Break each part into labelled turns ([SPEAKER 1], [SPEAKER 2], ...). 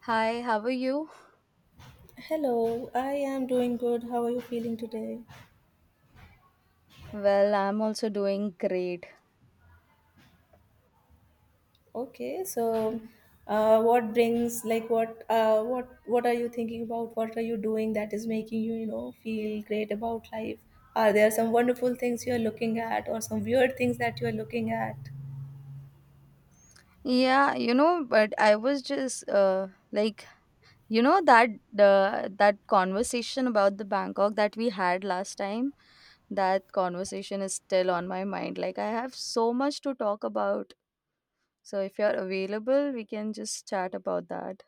[SPEAKER 1] Hi, how are you?
[SPEAKER 2] Hello, I am doing good. How are you feeling today?
[SPEAKER 1] Well, I'm also doing great.
[SPEAKER 2] Okay, so what brings like what are you thinking about? What are you doing that is making you, feel great about life? Are there some wonderful things you are looking at or some weird things that you are looking at?
[SPEAKER 1] Yeah, you know, but I was just like, you know that that conversation about the Bangkok that we had last time, that conversation is still on my mind. Like I have so much to talk about. So if you're available, we can just chat about that.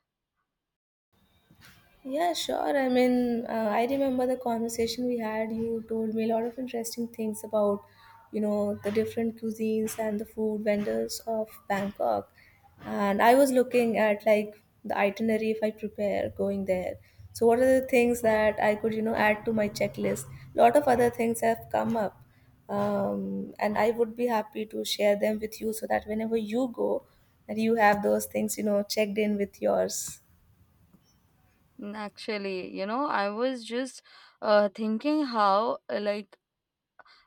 [SPEAKER 2] Yeah, sure. I mean, I remember the conversation we had. You told me a lot of interesting things about, the different cuisines and the food vendors of Bangkok. And I was looking at like the itinerary if I prepare going there. So, what are the things that I could, add to my checklist? A lot of other things have come up. And I would be happy to share them with you so that whenever you go, that you have those things, checked in with yours.
[SPEAKER 1] Mm, actually, you know, I was just thinking how like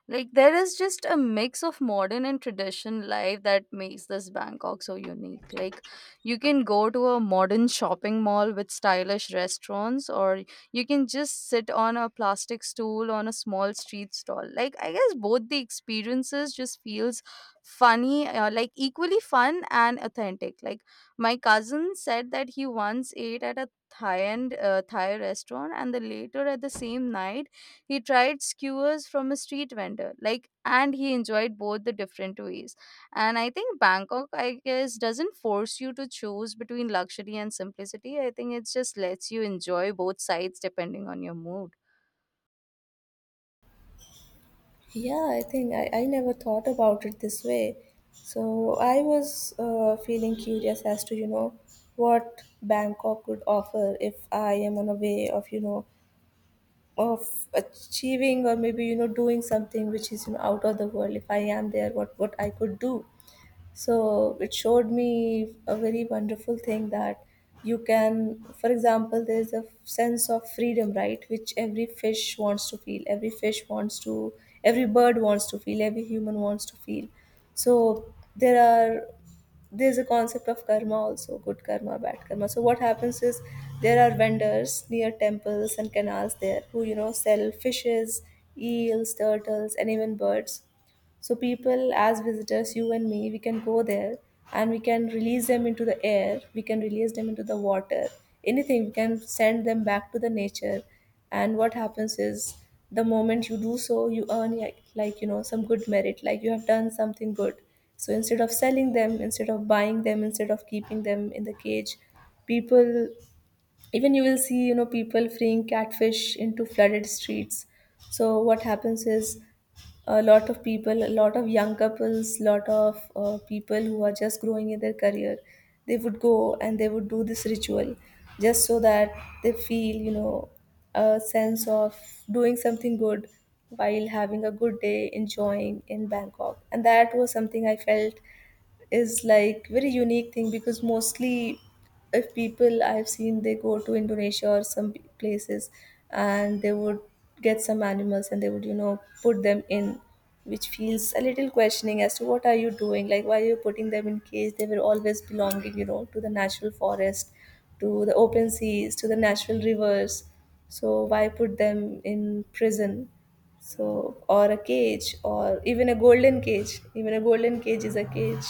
[SPEAKER 1] Like there is just a mix of modern and traditional life that makes this Bangkok so unique. Like you can go to a modern shopping mall with stylish restaurants or you can just sit on a plastic stool on a small street stall. Like I guess both the experiences just feels funny like equally fun and authentic. Like my cousin said that he once ate at a Thai and Thai restaurant and the later at the same night he tried skewers from a street vendor, like, and he enjoyed both the different ways. And I think Bangkok, I guess, doesn't force you to choose between luxury and simplicity. I think it just lets you enjoy both sides depending on your mood.
[SPEAKER 2] Yeah, I think I never thought about it this way. So I was feeling curious as to, what Bangkok could offer if I am on a way of, of achieving or maybe, doing something which is, out of the world. If I am there, what I could do. So it showed me a very wonderful thing that you can, for example, there's a sense of freedom, right? Which every fish wants to feel, every fish wants to, every bird wants to feel, every human wants to feel. So there's a concept of karma, also good karma, bad karma. So what happens is there are vendors near temples and canals there who sell fishes, eels, turtles, and even birds. So people, as visitors, you and me, we can go there, and we can release them into the air, we can release them into the water, anything. We can send them back to the nature. And what happens is, the moment you do so, you earn like some good merit, like you have done something good. So instead of selling them, instead of buying them, instead of keeping them in the cage, people, even you will see people freeing catfish into flooded streets. So what happens is, a lot of people, a lot of young couples, lot of people who are just growing in their career, they would go and they would do this ritual, just so that they feel a sense of doing something good while having a good day enjoying in Bangkok. And that was something I felt is like very unique thing, because mostly if people I've seen, they go to Indonesia or some places, and they would get some animals and they would put them in, which feels a little questioning as to what are you doing, like why are you putting them in cage? They were always belonging to the natural forest, to the open seas, to the natural rivers. So why put them in prison? So, or a cage, or even a golden cage. Even a golden cage is a cage.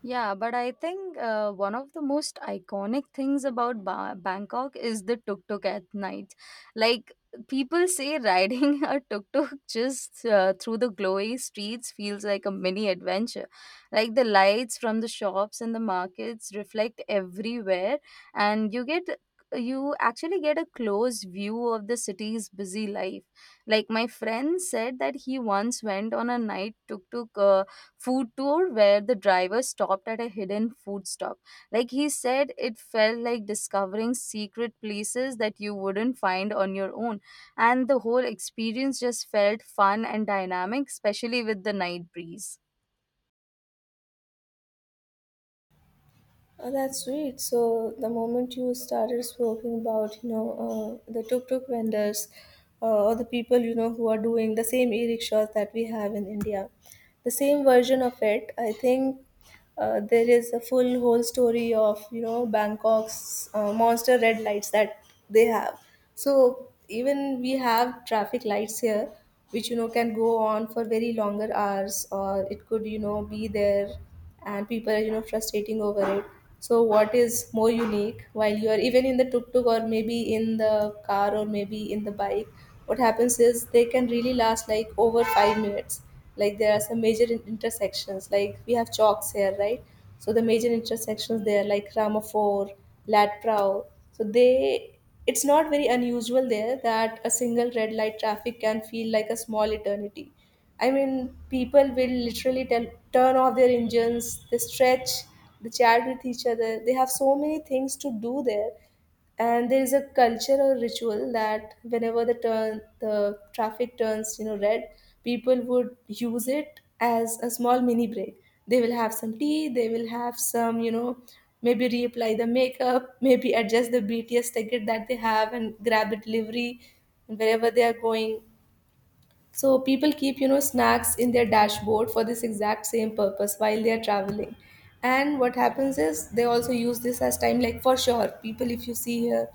[SPEAKER 1] Yeah, but I think one of the most iconic things about Bangkok is the tuk tuk at night. Like, people say riding a tuk tuk just through the glowy streets feels like a mini adventure. Like, the lights from the shops and the markets reflect everywhere, and you actually get a close view of the city's busy life. Like my friend said that he once went on a night tuk tuk food tour where the driver stopped at a hidden food stop. Like he said, it felt like discovering secret places that you wouldn't find on your own. And the whole experience just felt fun and dynamic, especially with the night breeze.
[SPEAKER 2] Oh, that's sweet. So the moment you started speaking about, the tuk-tuk vendors or the people, who are doing the same e-rickshaws that we have in India, the same version of it, I think there is a full whole story of, Bangkok's monster red lights that they have. So even we have traffic lights here, which, can go on for very longer hours, or it could, be there, and people are frustrating over it. So what is more unique, while you are even in the tuk-tuk or maybe in the car or maybe in the bike, what happens is they can really last like over 5 minutes. Like there are some major intersections, like we have chalks here, right? So the major intersections there, like Ramaphore, Latprau, so they, it's not very unusual there that a single red light traffic can feel like a small eternity. I mean, people will literally tell, turn off their engines, they stretch, they chat with each other. They have so many things to do there. And there is a culture or ritual that whenever the turn the traffic turns, red, people would use it as a small mini break. They will have some tea, they will have some, maybe reapply the makeup, maybe adjust the BTS ticket that they have and grab a delivery wherever they are going. So people keep, snacks in their dashboard for this exact same purpose while they are traveling. And what happens is they also use this as time, like for sure, people, if you see here,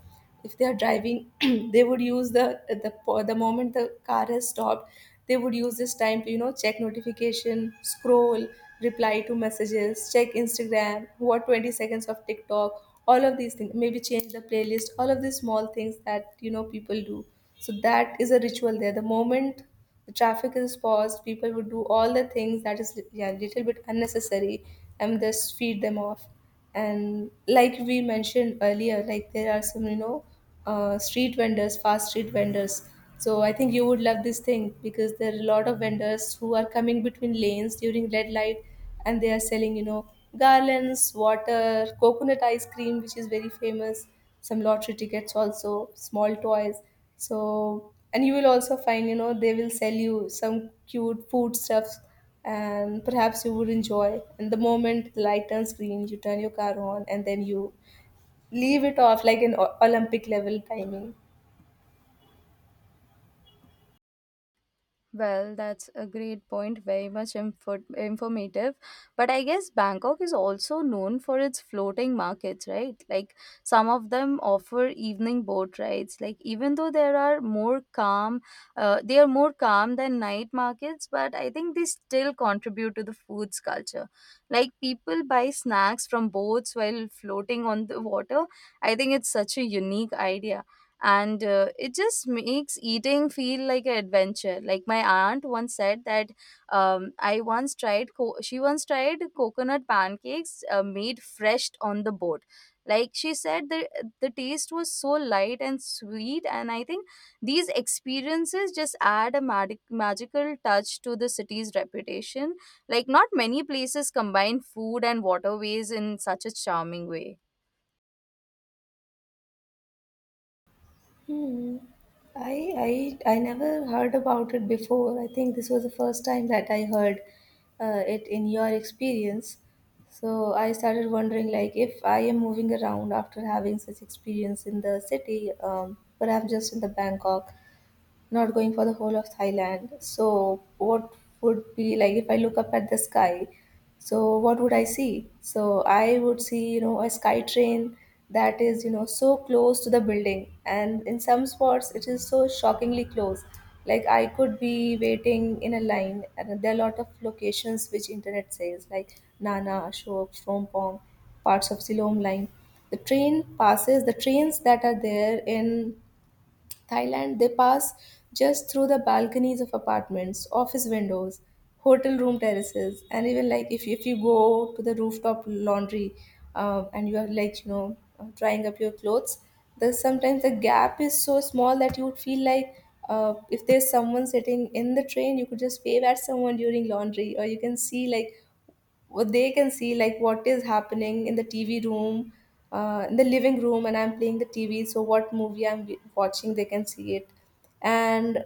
[SPEAKER 2] if they are driving they would use the the moment the car has stopped, they would use this time to check notification, scroll, reply to messages, check Instagram, what 20 seconds of TikTok, all of these things, maybe change the playlist, all of these small things that people do. So that is a ritual there, the moment the traffic is paused, people would do all the things that is, yeah, little bit unnecessary, and just feed them off. And like we mentioned earlier, like there are some street vendors, fast street vendors. So I think you would love this thing, because there are a lot of vendors who are coming between lanes during red light, and they are selling garlands, water, coconut ice cream, which is very famous, some lottery tickets also, small toys. So, and you will also find they will sell you some cute food stuffs, and perhaps you would enjoy. And the moment the light turns green, you turn your car on and then you leave it off like an Olympic level timing.
[SPEAKER 1] Well, that's a great point, very much informative. But I guess Bangkok is also known for its floating markets, right? Like some of them offer evening boat rides. Like even though there are more calm, they are more calm than night markets, but I think they still contribute to the food's culture. Like people buy snacks from boats while floating on the water. I think it's such a unique idea and it just makes eating feel like an adventure. Like my aunt once said that I once tried co- she once tried coconut pancakes made fresh on the boat. Like she said the taste was so light and sweet, and I think these experiences just add a magical touch to the city's reputation. Like not many places combine food and waterways in such a charming way.
[SPEAKER 2] Hmm. I never heard about it before. I think this was the first time that I heard it in your experience. So I started wondering, like, if I am moving around after having such experience in the city, perhaps just in the Bangkok, not going for the whole of Thailand. So, what would be like if I look up at the sky? So, what would I see? So, I would see, a sky train that is, so close to the building, and in some spots, it is so shockingly close. Like, I could be waiting in a line, and there are a lot of locations which internet says, like Nana, Ashok, Shrompong, parts of Siloam line. The train passes, the trains that are there in Thailand, they pass just through the balconies of apartments, office windows, hotel room terraces, and even like if you go to the rooftop laundry, and you are like drying up your clothes, the sometimes the gap is so small that you would feel like. If there's someone sitting in the train, you could just wave at someone during laundry, or you can see like what they can see, like what is happening in the TV room in the living room, and I'm playing the TV, so what movie I'm watching, they can see it. And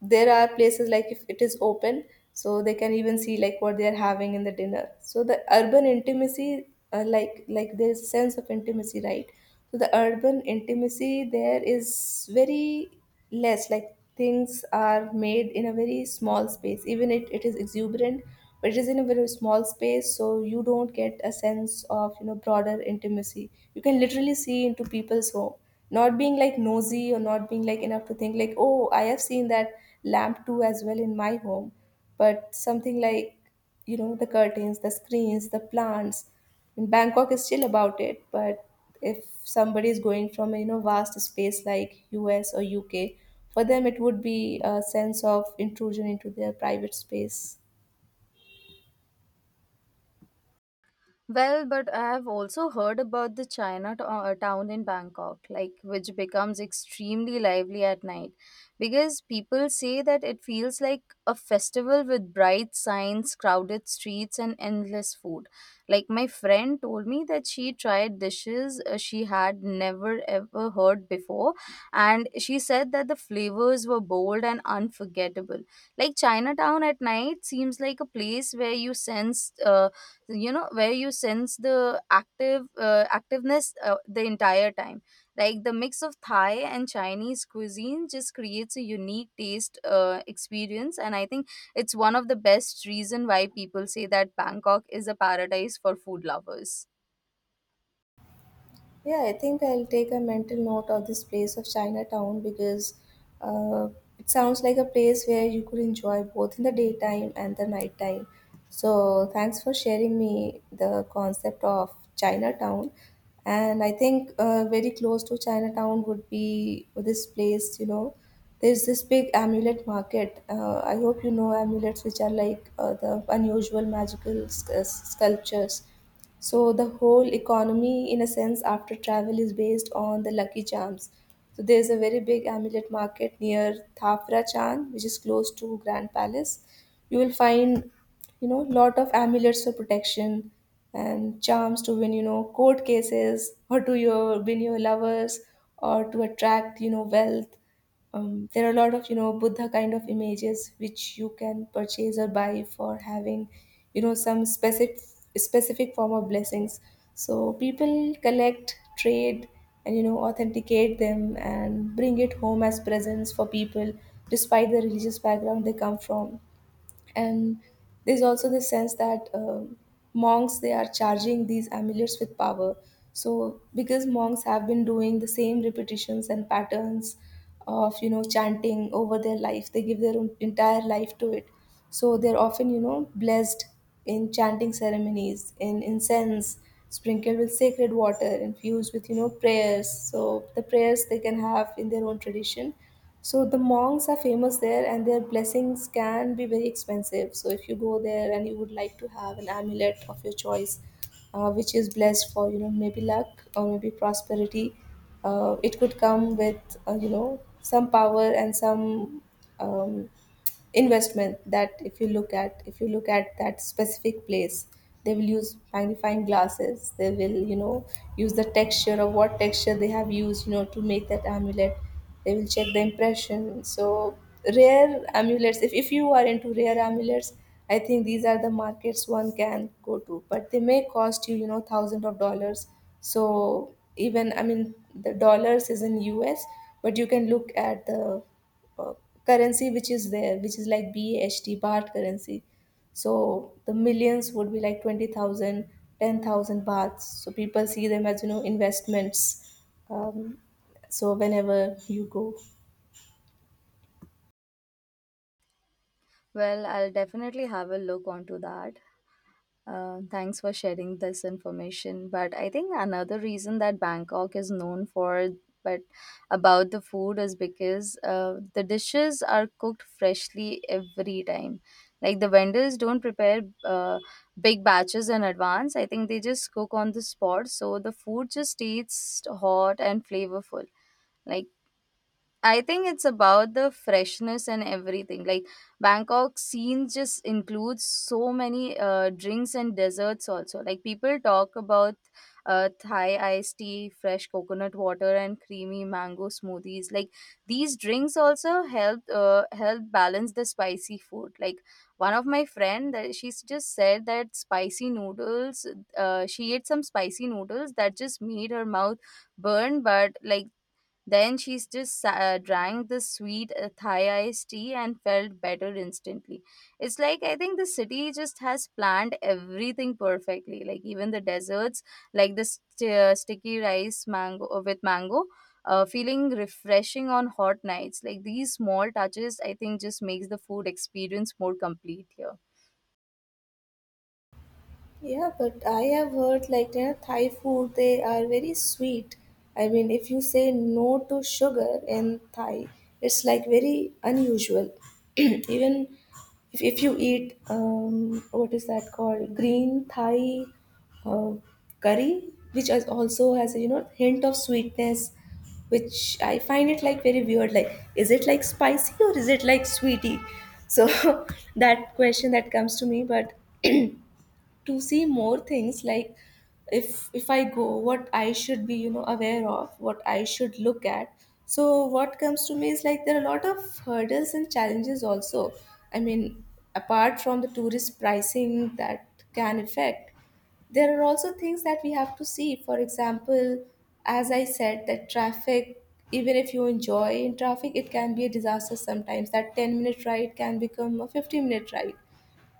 [SPEAKER 2] there are places like if it is open, so they can even see like what they are having in the dinner. So the urban intimacy, like there's a sense of intimacy, right? So the urban intimacy there is very less, like things are made in a very small space, even it is exuberant, but it is in a very small space, so you don't get a sense of broader intimacy. You can literally see into people's home, not being like nosy, or not being like enough to think like, oh, I have seen that lamp too as well in my home, but something like the curtains, the screens, the plants in Bangkok is still about it. But if somebody is going from a vast space like US or UK, for them it would be a sense of intrusion into their private space.
[SPEAKER 1] Well, but I have also heard about the town in Bangkok, like which becomes extremely lively at night because people say that it feels like a festival with bright signs, crowded streets, and endless food. Like my friend told me that she tried dishes she had never ever heard before, and she said that the flavors were bold and unforgettable. Like Chinatown at night seems like a place where you sense. You know where you sense the active activeness the entire time. Like the mix of Thai and Chinese cuisine just creates a unique taste experience, and I think it's one of the best reason why people say that Bangkok is a paradise for food lovers.
[SPEAKER 2] Yeah, I think I'll take a mental note of this place of Chinatown because uh, it sounds like a place where you could enjoy both in the daytime and the nighttime. So, thanks for sharing me the concept of Chinatown. And I think very close to Chinatown would be this place, there's this big amulet market. I hope you know amulets, which are like the unusual magical sculptures so the whole economy, in a sense, after travel is based on the Lucky Charms. So there's a very big amulet market near Thapra Chan, which is close to Grand Palace. You will find, lot of amulets for protection and charms to win, court cases or to your win your lovers or to attract, wealth. There are a lot of buddha kind of images which you can purchase or buy for having some specific form of blessings. So people collect, trade, and authenticate them and bring it home as presents for people, despite the religious background they come from. And there's also the sense that monks, they are charging these amulets with power. So because monks have been doing the same repetitions and patterns of chanting over their life, they give their own entire life to it. So they're often blessed in chanting ceremonies, in incense, sprinkled with sacred water infused with prayers, so the prayers they can have in their own tradition. So the monks are famous there, and their blessings can be very expensive. So if you go there and you would like to have an amulet of your choice, which is blessed for maybe luck or maybe prosperity, it could come with some power and some um, investment. That if you look at that specific place, they will use magnifying glasses, they will use the texture of what texture they have used to make that amulet. They will check the impression. So rare amulets, if you are into rare amulets, I think these are the markets one can go to, but they may cost you you know thousands of dollars. So even, I mean, the dollars is in US, but you can look at the uh, currency which is there, which is like BHT, baht currency. So the millions would be like 20,000, 10,000 baths. So people see them as, you know, investments. Um, so whenever you go.
[SPEAKER 1] Well, I'll definitely have a look onto that. Thanks for sharing this information. But I think another reason that Bangkok is known for, but about the food is because the dishes are cooked freshly every time. Like the vendors don't prepare big batches in advance. I think they just cook on the spot, so the food just tastes hot and flavorful. Like I think it's about the freshness and everything. Like Bangkok scene just includes so many drinks and desserts also. Like people talk about Thai iced tea, fresh coconut water, and creamy mango smoothies. Like these drinks also help help balance the spicy food. Like one of my friend, that she's just said that spicy noodles. She ate some spicy noodles that just made her mouth burn, but like then she just drank the sweet Thai iced tea and felt better instantly. It's like I think the city just has planned everything perfectly, like even the desserts, like the sticky rice mango with mango. Feeling refreshing on hot nights. Like these small touches I think just makes the food experience more complete here.
[SPEAKER 2] Yeah, but I have heard, like, you know, Thai food, they are very sweet. I mean, if you say no to sugar in Thai, it's like very unusual. Even if you eat what is that called, green Thai uh, curry, which is also has a, you know, hint of sweetness, which I find it like very weird. Like, is it like spicy or is it like sweetie? So that question that comes to me. But to see more things, like, if I go, what I should be, you know, aware of, what I should look at, so what comes to me is like there are a lot of hurdles and challenges also. I mean, apart from the tourist pricing that can affect, there are also things that we have to see. For example, as I said, that traffic, even if you enjoy in traffic, it can be a disaster sometimes, that 10-minute ride can become a 50-minute ride.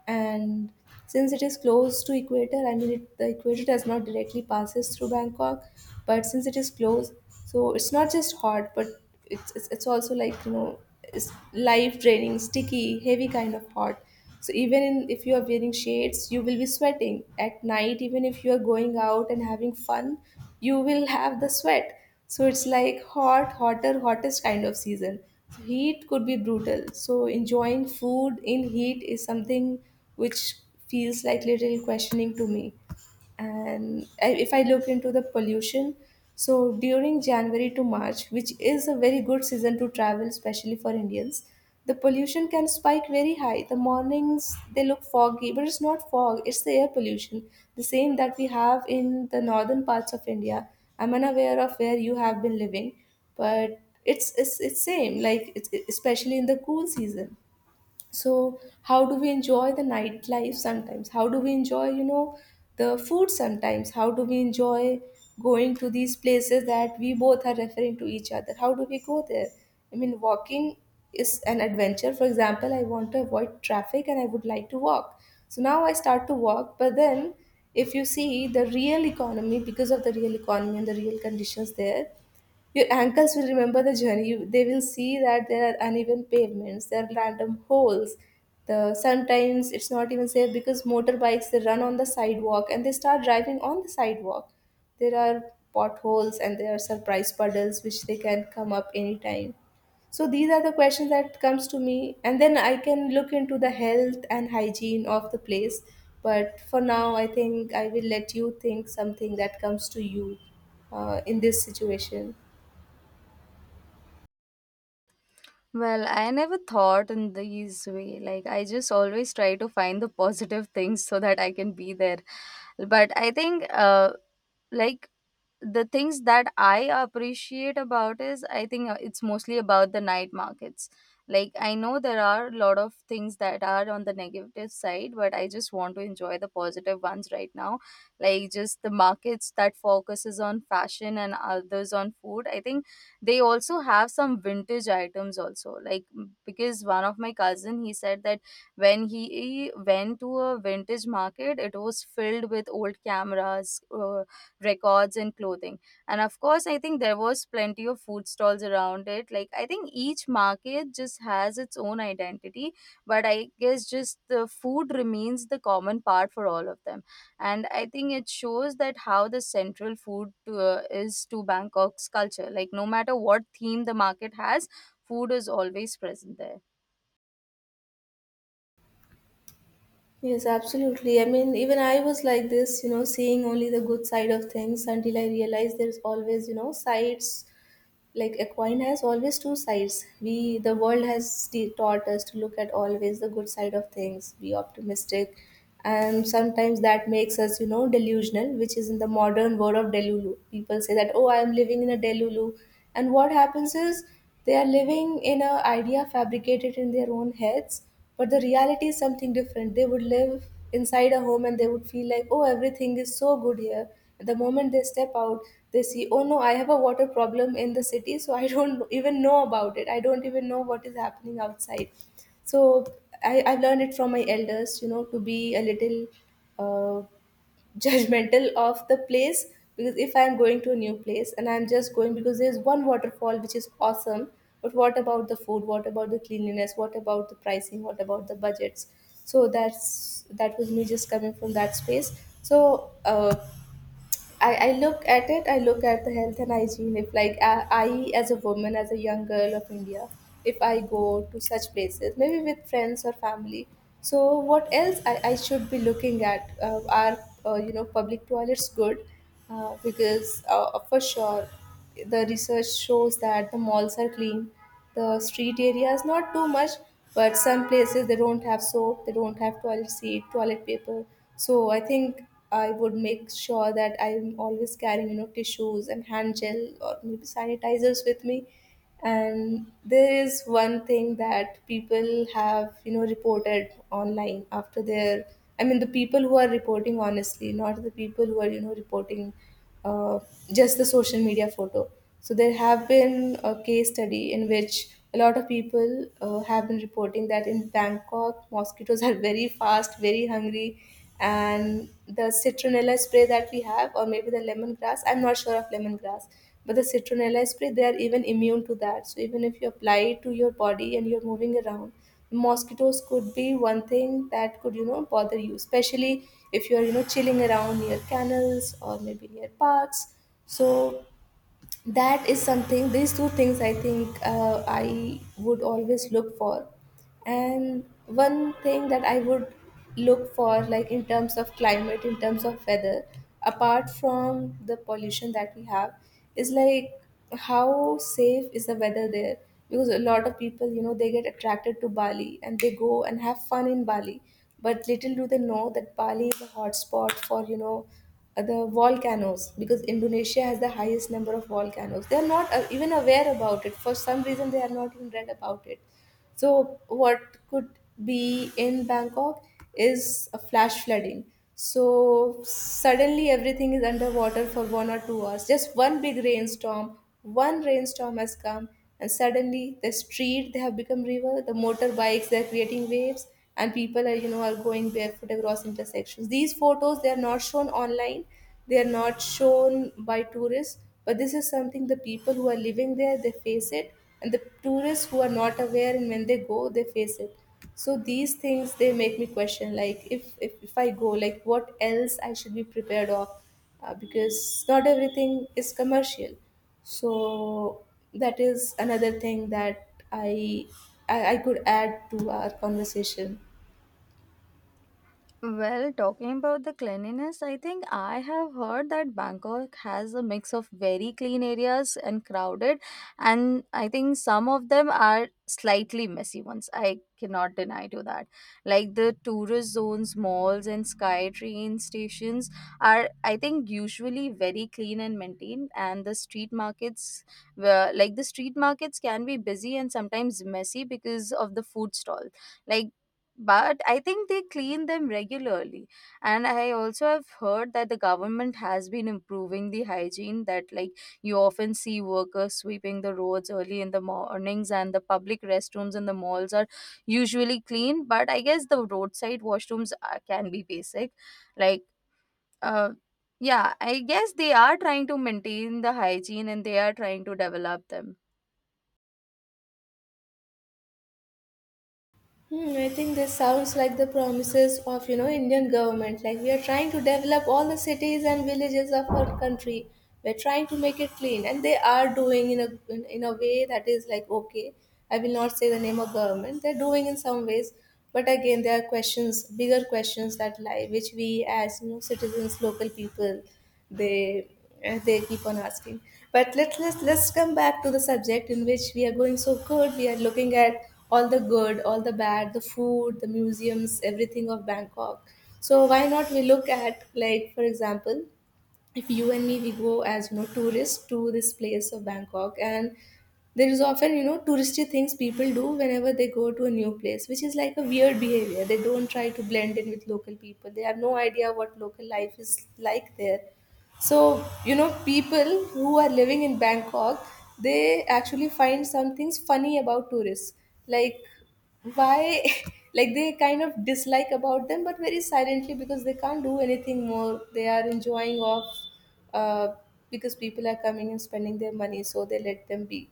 [SPEAKER 2] And since it is close to equator, I mean, the equator does not directly passes through Bangkok, but since it is close, so it's not just hot, but it's also like, you know, it's life draining, sticky, heavy kind of hot. So even in, if you are wearing shades, you will be sweating at night, even if you are going out and having fun, you will have the sweat. So it's like hot, hotter, hottest kind of season. So heat could be brutal. So enjoying food in heat is something which feels like little questioning to me. And I- if I look into the pollution, so during January to March, which is a very good season to travel, especially for Indians, the pollution can spike very high. The mornings, they look foggy, but it's not fog, it's the air pollution, the same that we have in the northern parts of India. I'm unaware of where you have been living, but it's same, like especially in the cool season. So how do we enjoy the nightlife sometimes, how do we enjoy, you know, the food sometimes, how do we enjoy going to these places that we both are referring to each other, how do we go there? I mean, walking is an adventure. For example, I want to avoid traffic and I would like to walk, so now I start to walk, but then if you see the real economy, because of the real economy and the real conditions there, your ankles will remember the journey. You, they will see that there are uneven pavements, there are random holes. The sometimes it's not even safe because motorbikes, they run on the sidewalk, and they start driving on the sidewalk. There are potholes and there are surprise puddles which they can come up anytime. So these are the questions that comes to me, and then I can look into the health and hygiene of the place. But for now, I think I will let you think something that comes to you in this situation.
[SPEAKER 1] Well, I never thought in these way. Like I just always try to find the positive things so that I can be there. But I think like the things that I appreciate about is I think it's mostly about the night markets. Like I know there are a lot of things that are on the negative side, but I just want to enjoy the positive ones right now. Like just the markets that focuses on fashion and others on food. I think they also have some vintage items also like because one of my cousin he said that when he went to a vintage market, it was filled with old cameras, records and clothing, and of course I think there was plenty of food stalls around it. Like I think each market just has its own identity, but I guess just the food remains the common part for all of them, and I think it shows that how the central food to, is to Bangkok's culture. Like no matter what theme the market has, food is always present there.
[SPEAKER 2] Yes, absolutely. I mean, even I was like this, you know, seeing only the good side of things until I realized there's always, you know, sides. Like a coin has always two sides. We, the world has taught us to look at always the good side of things, be optimistic, and sometimes that makes us, you know, delusional, which is in the modern word of delulu. People say that, oh, I am living in a delulu. And what happens is they are living in a idea fabricated in their own heads, but the reality is something different. They would live inside a home and they would feel like, oh, everything is so good here. The moment they step out, they see, oh no, I have a water problem in the city, so I don't even know about it, I don't even know what is happening outside. So I learned it from my elders, you know, to be a little uh, judgmental of the place. Because if I'm going to a new place and I'm just going because there's one waterfall which is awesome, but what about the food, what about the cleanliness, what about the pricing, what about the budgets? So that's, that was me just coming from that space. So I look at it, I look at the health and hygiene. If, like, as a woman, as a young girl of India, if I go to such places, maybe with friends or family, so what else I should be looking at? Are, you know, public toilets good? Because for sure, the research shows that the malls are clean, the street areas not too much. But some places, they don't have soap, they don't have toilet seat, toilet paper. So I think I would make sure that I'm always carrying, you know, tissues and hand gel or maybe sanitizers with me. And there is one thing that people have, you know, reported online after their, I mean, the people who are reporting honestly, not the people who are, you know, reporting uh, just the social media photo. So there have been a case study in which a lot of people have been reporting that in Bangkok, mosquitoes are very fast, very hungry, and the citronella spray that we have, or maybe the lemongrass. I'm not sure of lemongrass, but the citronella spray, they are even immune to that. So even if you apply it to your body and you're moving around, mosquitoes could be one thing that could, you know, bother you, especially if you are, you know, chilling around near canals or maybe near parks. So that is something, these two things I think I would always look for. And one thing that I would look for, like in terms of climate, in terms of weather, apart from the pollution that we have, is like, how safe is the weather there? Because a lot of people, you know, they get attracted to Bali and they go and have fun in Bali. But little do they know that Bali is a hotspot for, you know, the volcanoes, because Indonesia has the highest number of volcanoes. They are not even aware about it. For some reason, they are not even read about it. So, what could be in Bangkok is a flash flooding. So, suddenly everything is underwater for 1 or 2 hours. Just one big rainstorm, one rainstorm has come, and suddenly the street they have become river, the motorbikes they are creating waves, and people are, you know, are going barefoot across intersections. These photos they are not shown online, they are not shown by tourists, but this is something the people who are living there they face it, and the tourists who are not aware and when they go they face it. So these things they make me question like if I go, like what else I should be prepared of, because not everything is commercial. So that is another thing that I could add to our conversation.
[SPEAKER 1] Well, talking about the cleanliness, I think I have heard that Bangkok has a mix of very clean areas and crowded, and I think some of them are slightly messy ones. I cannot deny to that. Like the tourist zones, malls, and sky train stations are, I think, usually very clean and maintained, and the street markets, were like the street markets, can be busy and sometimes messy because of the food stall. Like but I think they clean them regularly, and I also have heard that the government has been improving the hygiene, that like you often see workers sweeping the roads early in the mornings, and the public restrooms in the malls are usually clean, but I guess the roadside washrooms are, can be basic. Like uh yeah, I guess they are trying to maintain the hygiene and they are trying to develop them.
[SPEAKER 2] Hmm, I think this sounds like the promises of, you know, Indian government. Like we are trying to develop all the cities and villages of our country. We're trying to make it clean, and they are doing in a in a way that is like okay. I will not say the name of government. They're doing in some ways, but again, there are questions, bigger questions that lie, which we, as you know, citizens, local people, they they keep on asking. But let's come back to the subject in which we are going. So good, we are looking at all the good, all the bad, the food, the museums, everything of Bangkok. So why not we look at, like, for example, if you and me we go as, you know, tourists to this place of Bangkok. And there is often, you know, touristy things people do whenever they go to a new place, which is like a weird behavior. They don't try to blend in with local people, they have no idea what local life is like there. So, you know, people who are living in Bangkok, they actually find some things funny about tourists. Like, why, like, they kind of dislike about them, but very silently because they can't do anything more. They are enjoying off, uh, because people are coming and spending their money, so they let them be.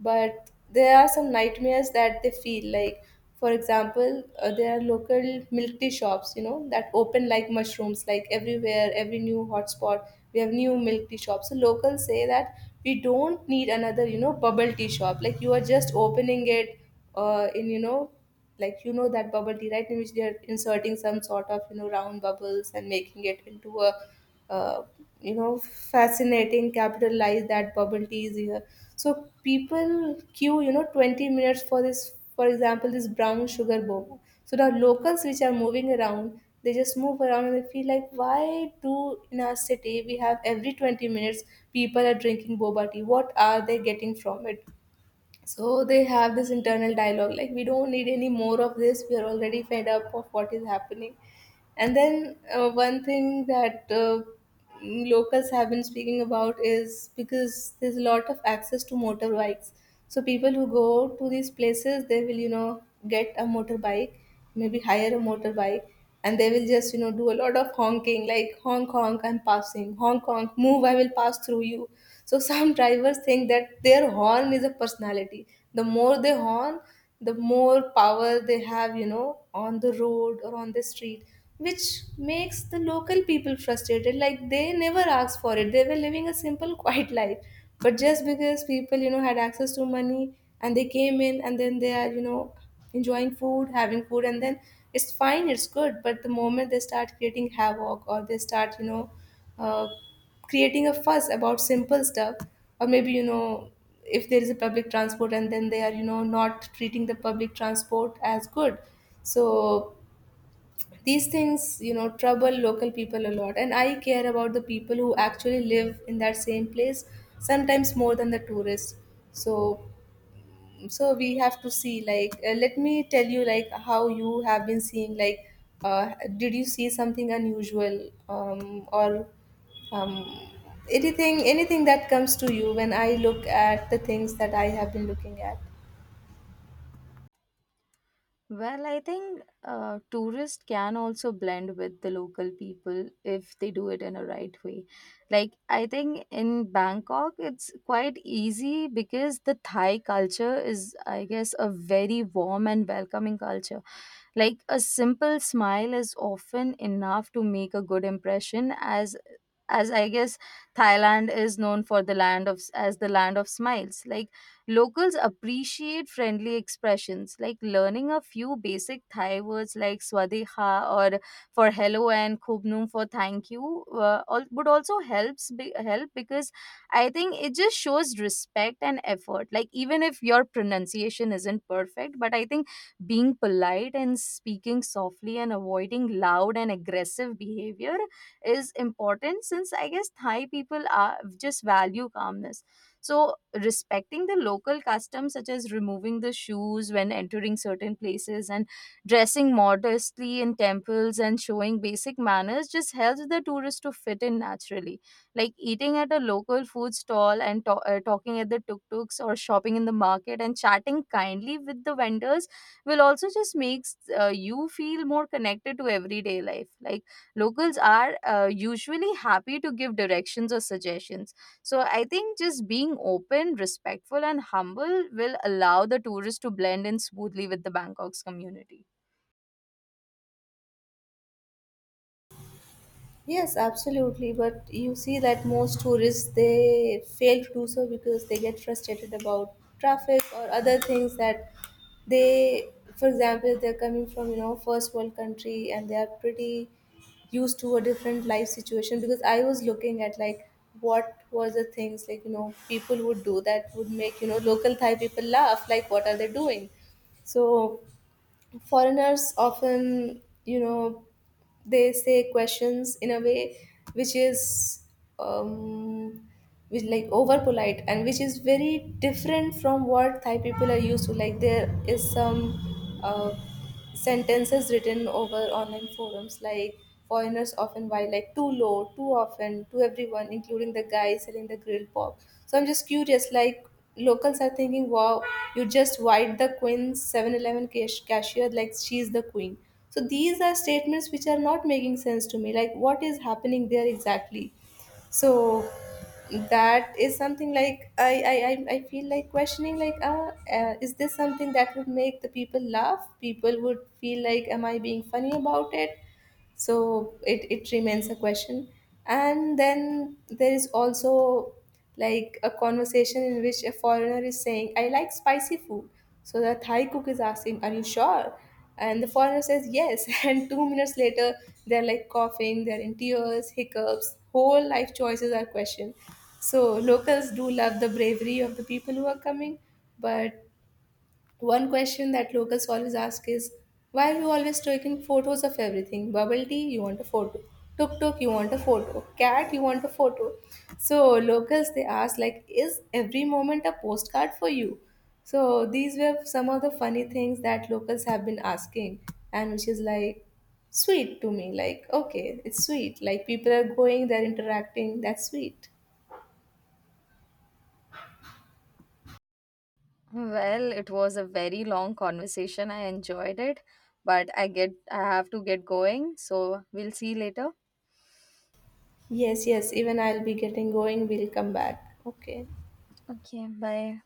[SPEAKER 2] But there are some nightmares that they feel like. For example, there are local milk tea shops, you know, that open like mushrooms, like everywhere every new hotspot we have new milk tea shops. So locals say that we don't need another, you know, bubble tea shop, like you are just opening it in, you know, like, you know, that bubble tea, right, in which they are inserting some sort of, you know, round bubbles and making it into a uh, you know, fascinating capitalize that bubble tea is here. So people queue, you know, 20 minutes for this, for example this brown sugar boba. So the locals which are moving around, they just move around and they feel like, why do in our city we have every 20 minutes people are drinking boba tea? What are they getting from it? So they have this internal dialogue, like, we don't need any more of this, we are already fed up of what is happening. And then one thing that locals have been speaking about is because there's a lot of access to motorbikes. So people who go to these places, they will, you know, get a motorbike, maybe hire a motorbike, and they will just, you know, do a lot of honking, like, honk honk, I'm passing, honk honk, move, I will pass through you. So some drivers think that their horn is a personality. The more they horn, the more power they have, you know, on the road or on the street, which makes the local people frustrated. Like, they never asked for it, they were living a simple quiet life. But just because people, you know, had access to money and they came in, and then they are, you know, enjoying food, having food, and then it's fine, it's good. But the moment they start creating havoc, or they start, you know, uh, creating a fuss about simple stuff, or maybe, you know, if there is a public transport and then they are, you know, not treating the public transport as good, so these things, you know, trouble local people a lot. And I care about the people who actually live in that same place sometimes more than the tourists. So, so we have to see, like, let me tell you, like, how you have been seeing, like, uh, did you see something unusual, or um, anything, anything that comes to you when I look at the things that I have been looking at.
[SPEAKER 1] Well, I think tourists can also blend with the local people if they do it in a right way. Like, I think in Bangkok, it's quite easy because the Thai culture is, I guess, a very warm and welcoming culture. Like, a simple smile is often enough to make a good impression, as I guess Thailand is known for the land of as the land of smiles. Like locals appreciate friendly expressions like learning a few basic Thai words, like swadeha or for hello and khubnum for thank you, would also help, because I think it just shows respect and effort. Like even if your pronunciation isn't perfect, but I think being polite and speaking softly and avoiding loud and aggressive behavior is important, since I guess Thai people are just value calmness. So, respecting the local customs, such as removing the shoes when entering certain places and dressing modestly in temples and showing basic manners, just helps the tourist to fit in naturally. Like eating at a local food stall and talking at the tuk tuks or shopping in the market and chatting kindly with the vendors will also just makes you feel more connected to everyday life. Like locals are usually happy to give directions or suggestions. So I think just being open, respectful, and humble will allow the tourist to blend in smoothly with the Bangkok's community.
[SPEAKER 2] Yes, absolutely. But you see that most tourists they fail to do so because they get frustrated about traffic or other things that they, for example, if they're coming from, you know, first world country and they are pretty used to a different life situation. Because I was looking at, like, what were the things, like, you know, people would do that would make, you know, local Thai people laugh. Like, what are they doing? So foreigners often, you know, they say questions in a way which is um which, like, over polite, and which is very different from what Thai people are used to. Like, there is some sentences written over online forums, like, foreigners often buy like too low too often to everyone, including the guy selling the grilled pork. So I'm just curious, like, locals are thinking, wow, you just white the queen 7-Eleven cashier like she's the queen. So these are statements which are not making sense to me, like, what is happening there exactly? So that is something, like, I I feel like questioning, like, is this something that would make the people laugh? People would feel like, am I being funny about it? So it remains a question. And then there is also like a conversation in which a foreigner is saying, I like spicy food. So the Thai cook is asking, are you sure? And the foreigner says, yes, and 2 minutes later they're like coughing, they're in tears, hiccups, whole life choices are questioned. So locals do love the bravery of the people who are coming. But one question that locals always ask is, why are you always taking photos of everything? Bubble tea, you want a photo. Tuk tuk, you want a photo. Cat, you want a photo. So locals they ask like, is every moment a postcard for you? So these were some of the funny things that locals have been asking, and which is like sweet to me. Like, okay, it's sweet. Like, people are going, they're interacting. That's sweet.
[SPEAKER 1] Well, it was a very long conversation. I enjoyed it, but I have to get going, so we'll see you later.
[SPEAKER 2] Yes, yes. Even I'll be getting going. We'll come back. Okay.
[SPEAKER 1] Okay, bye.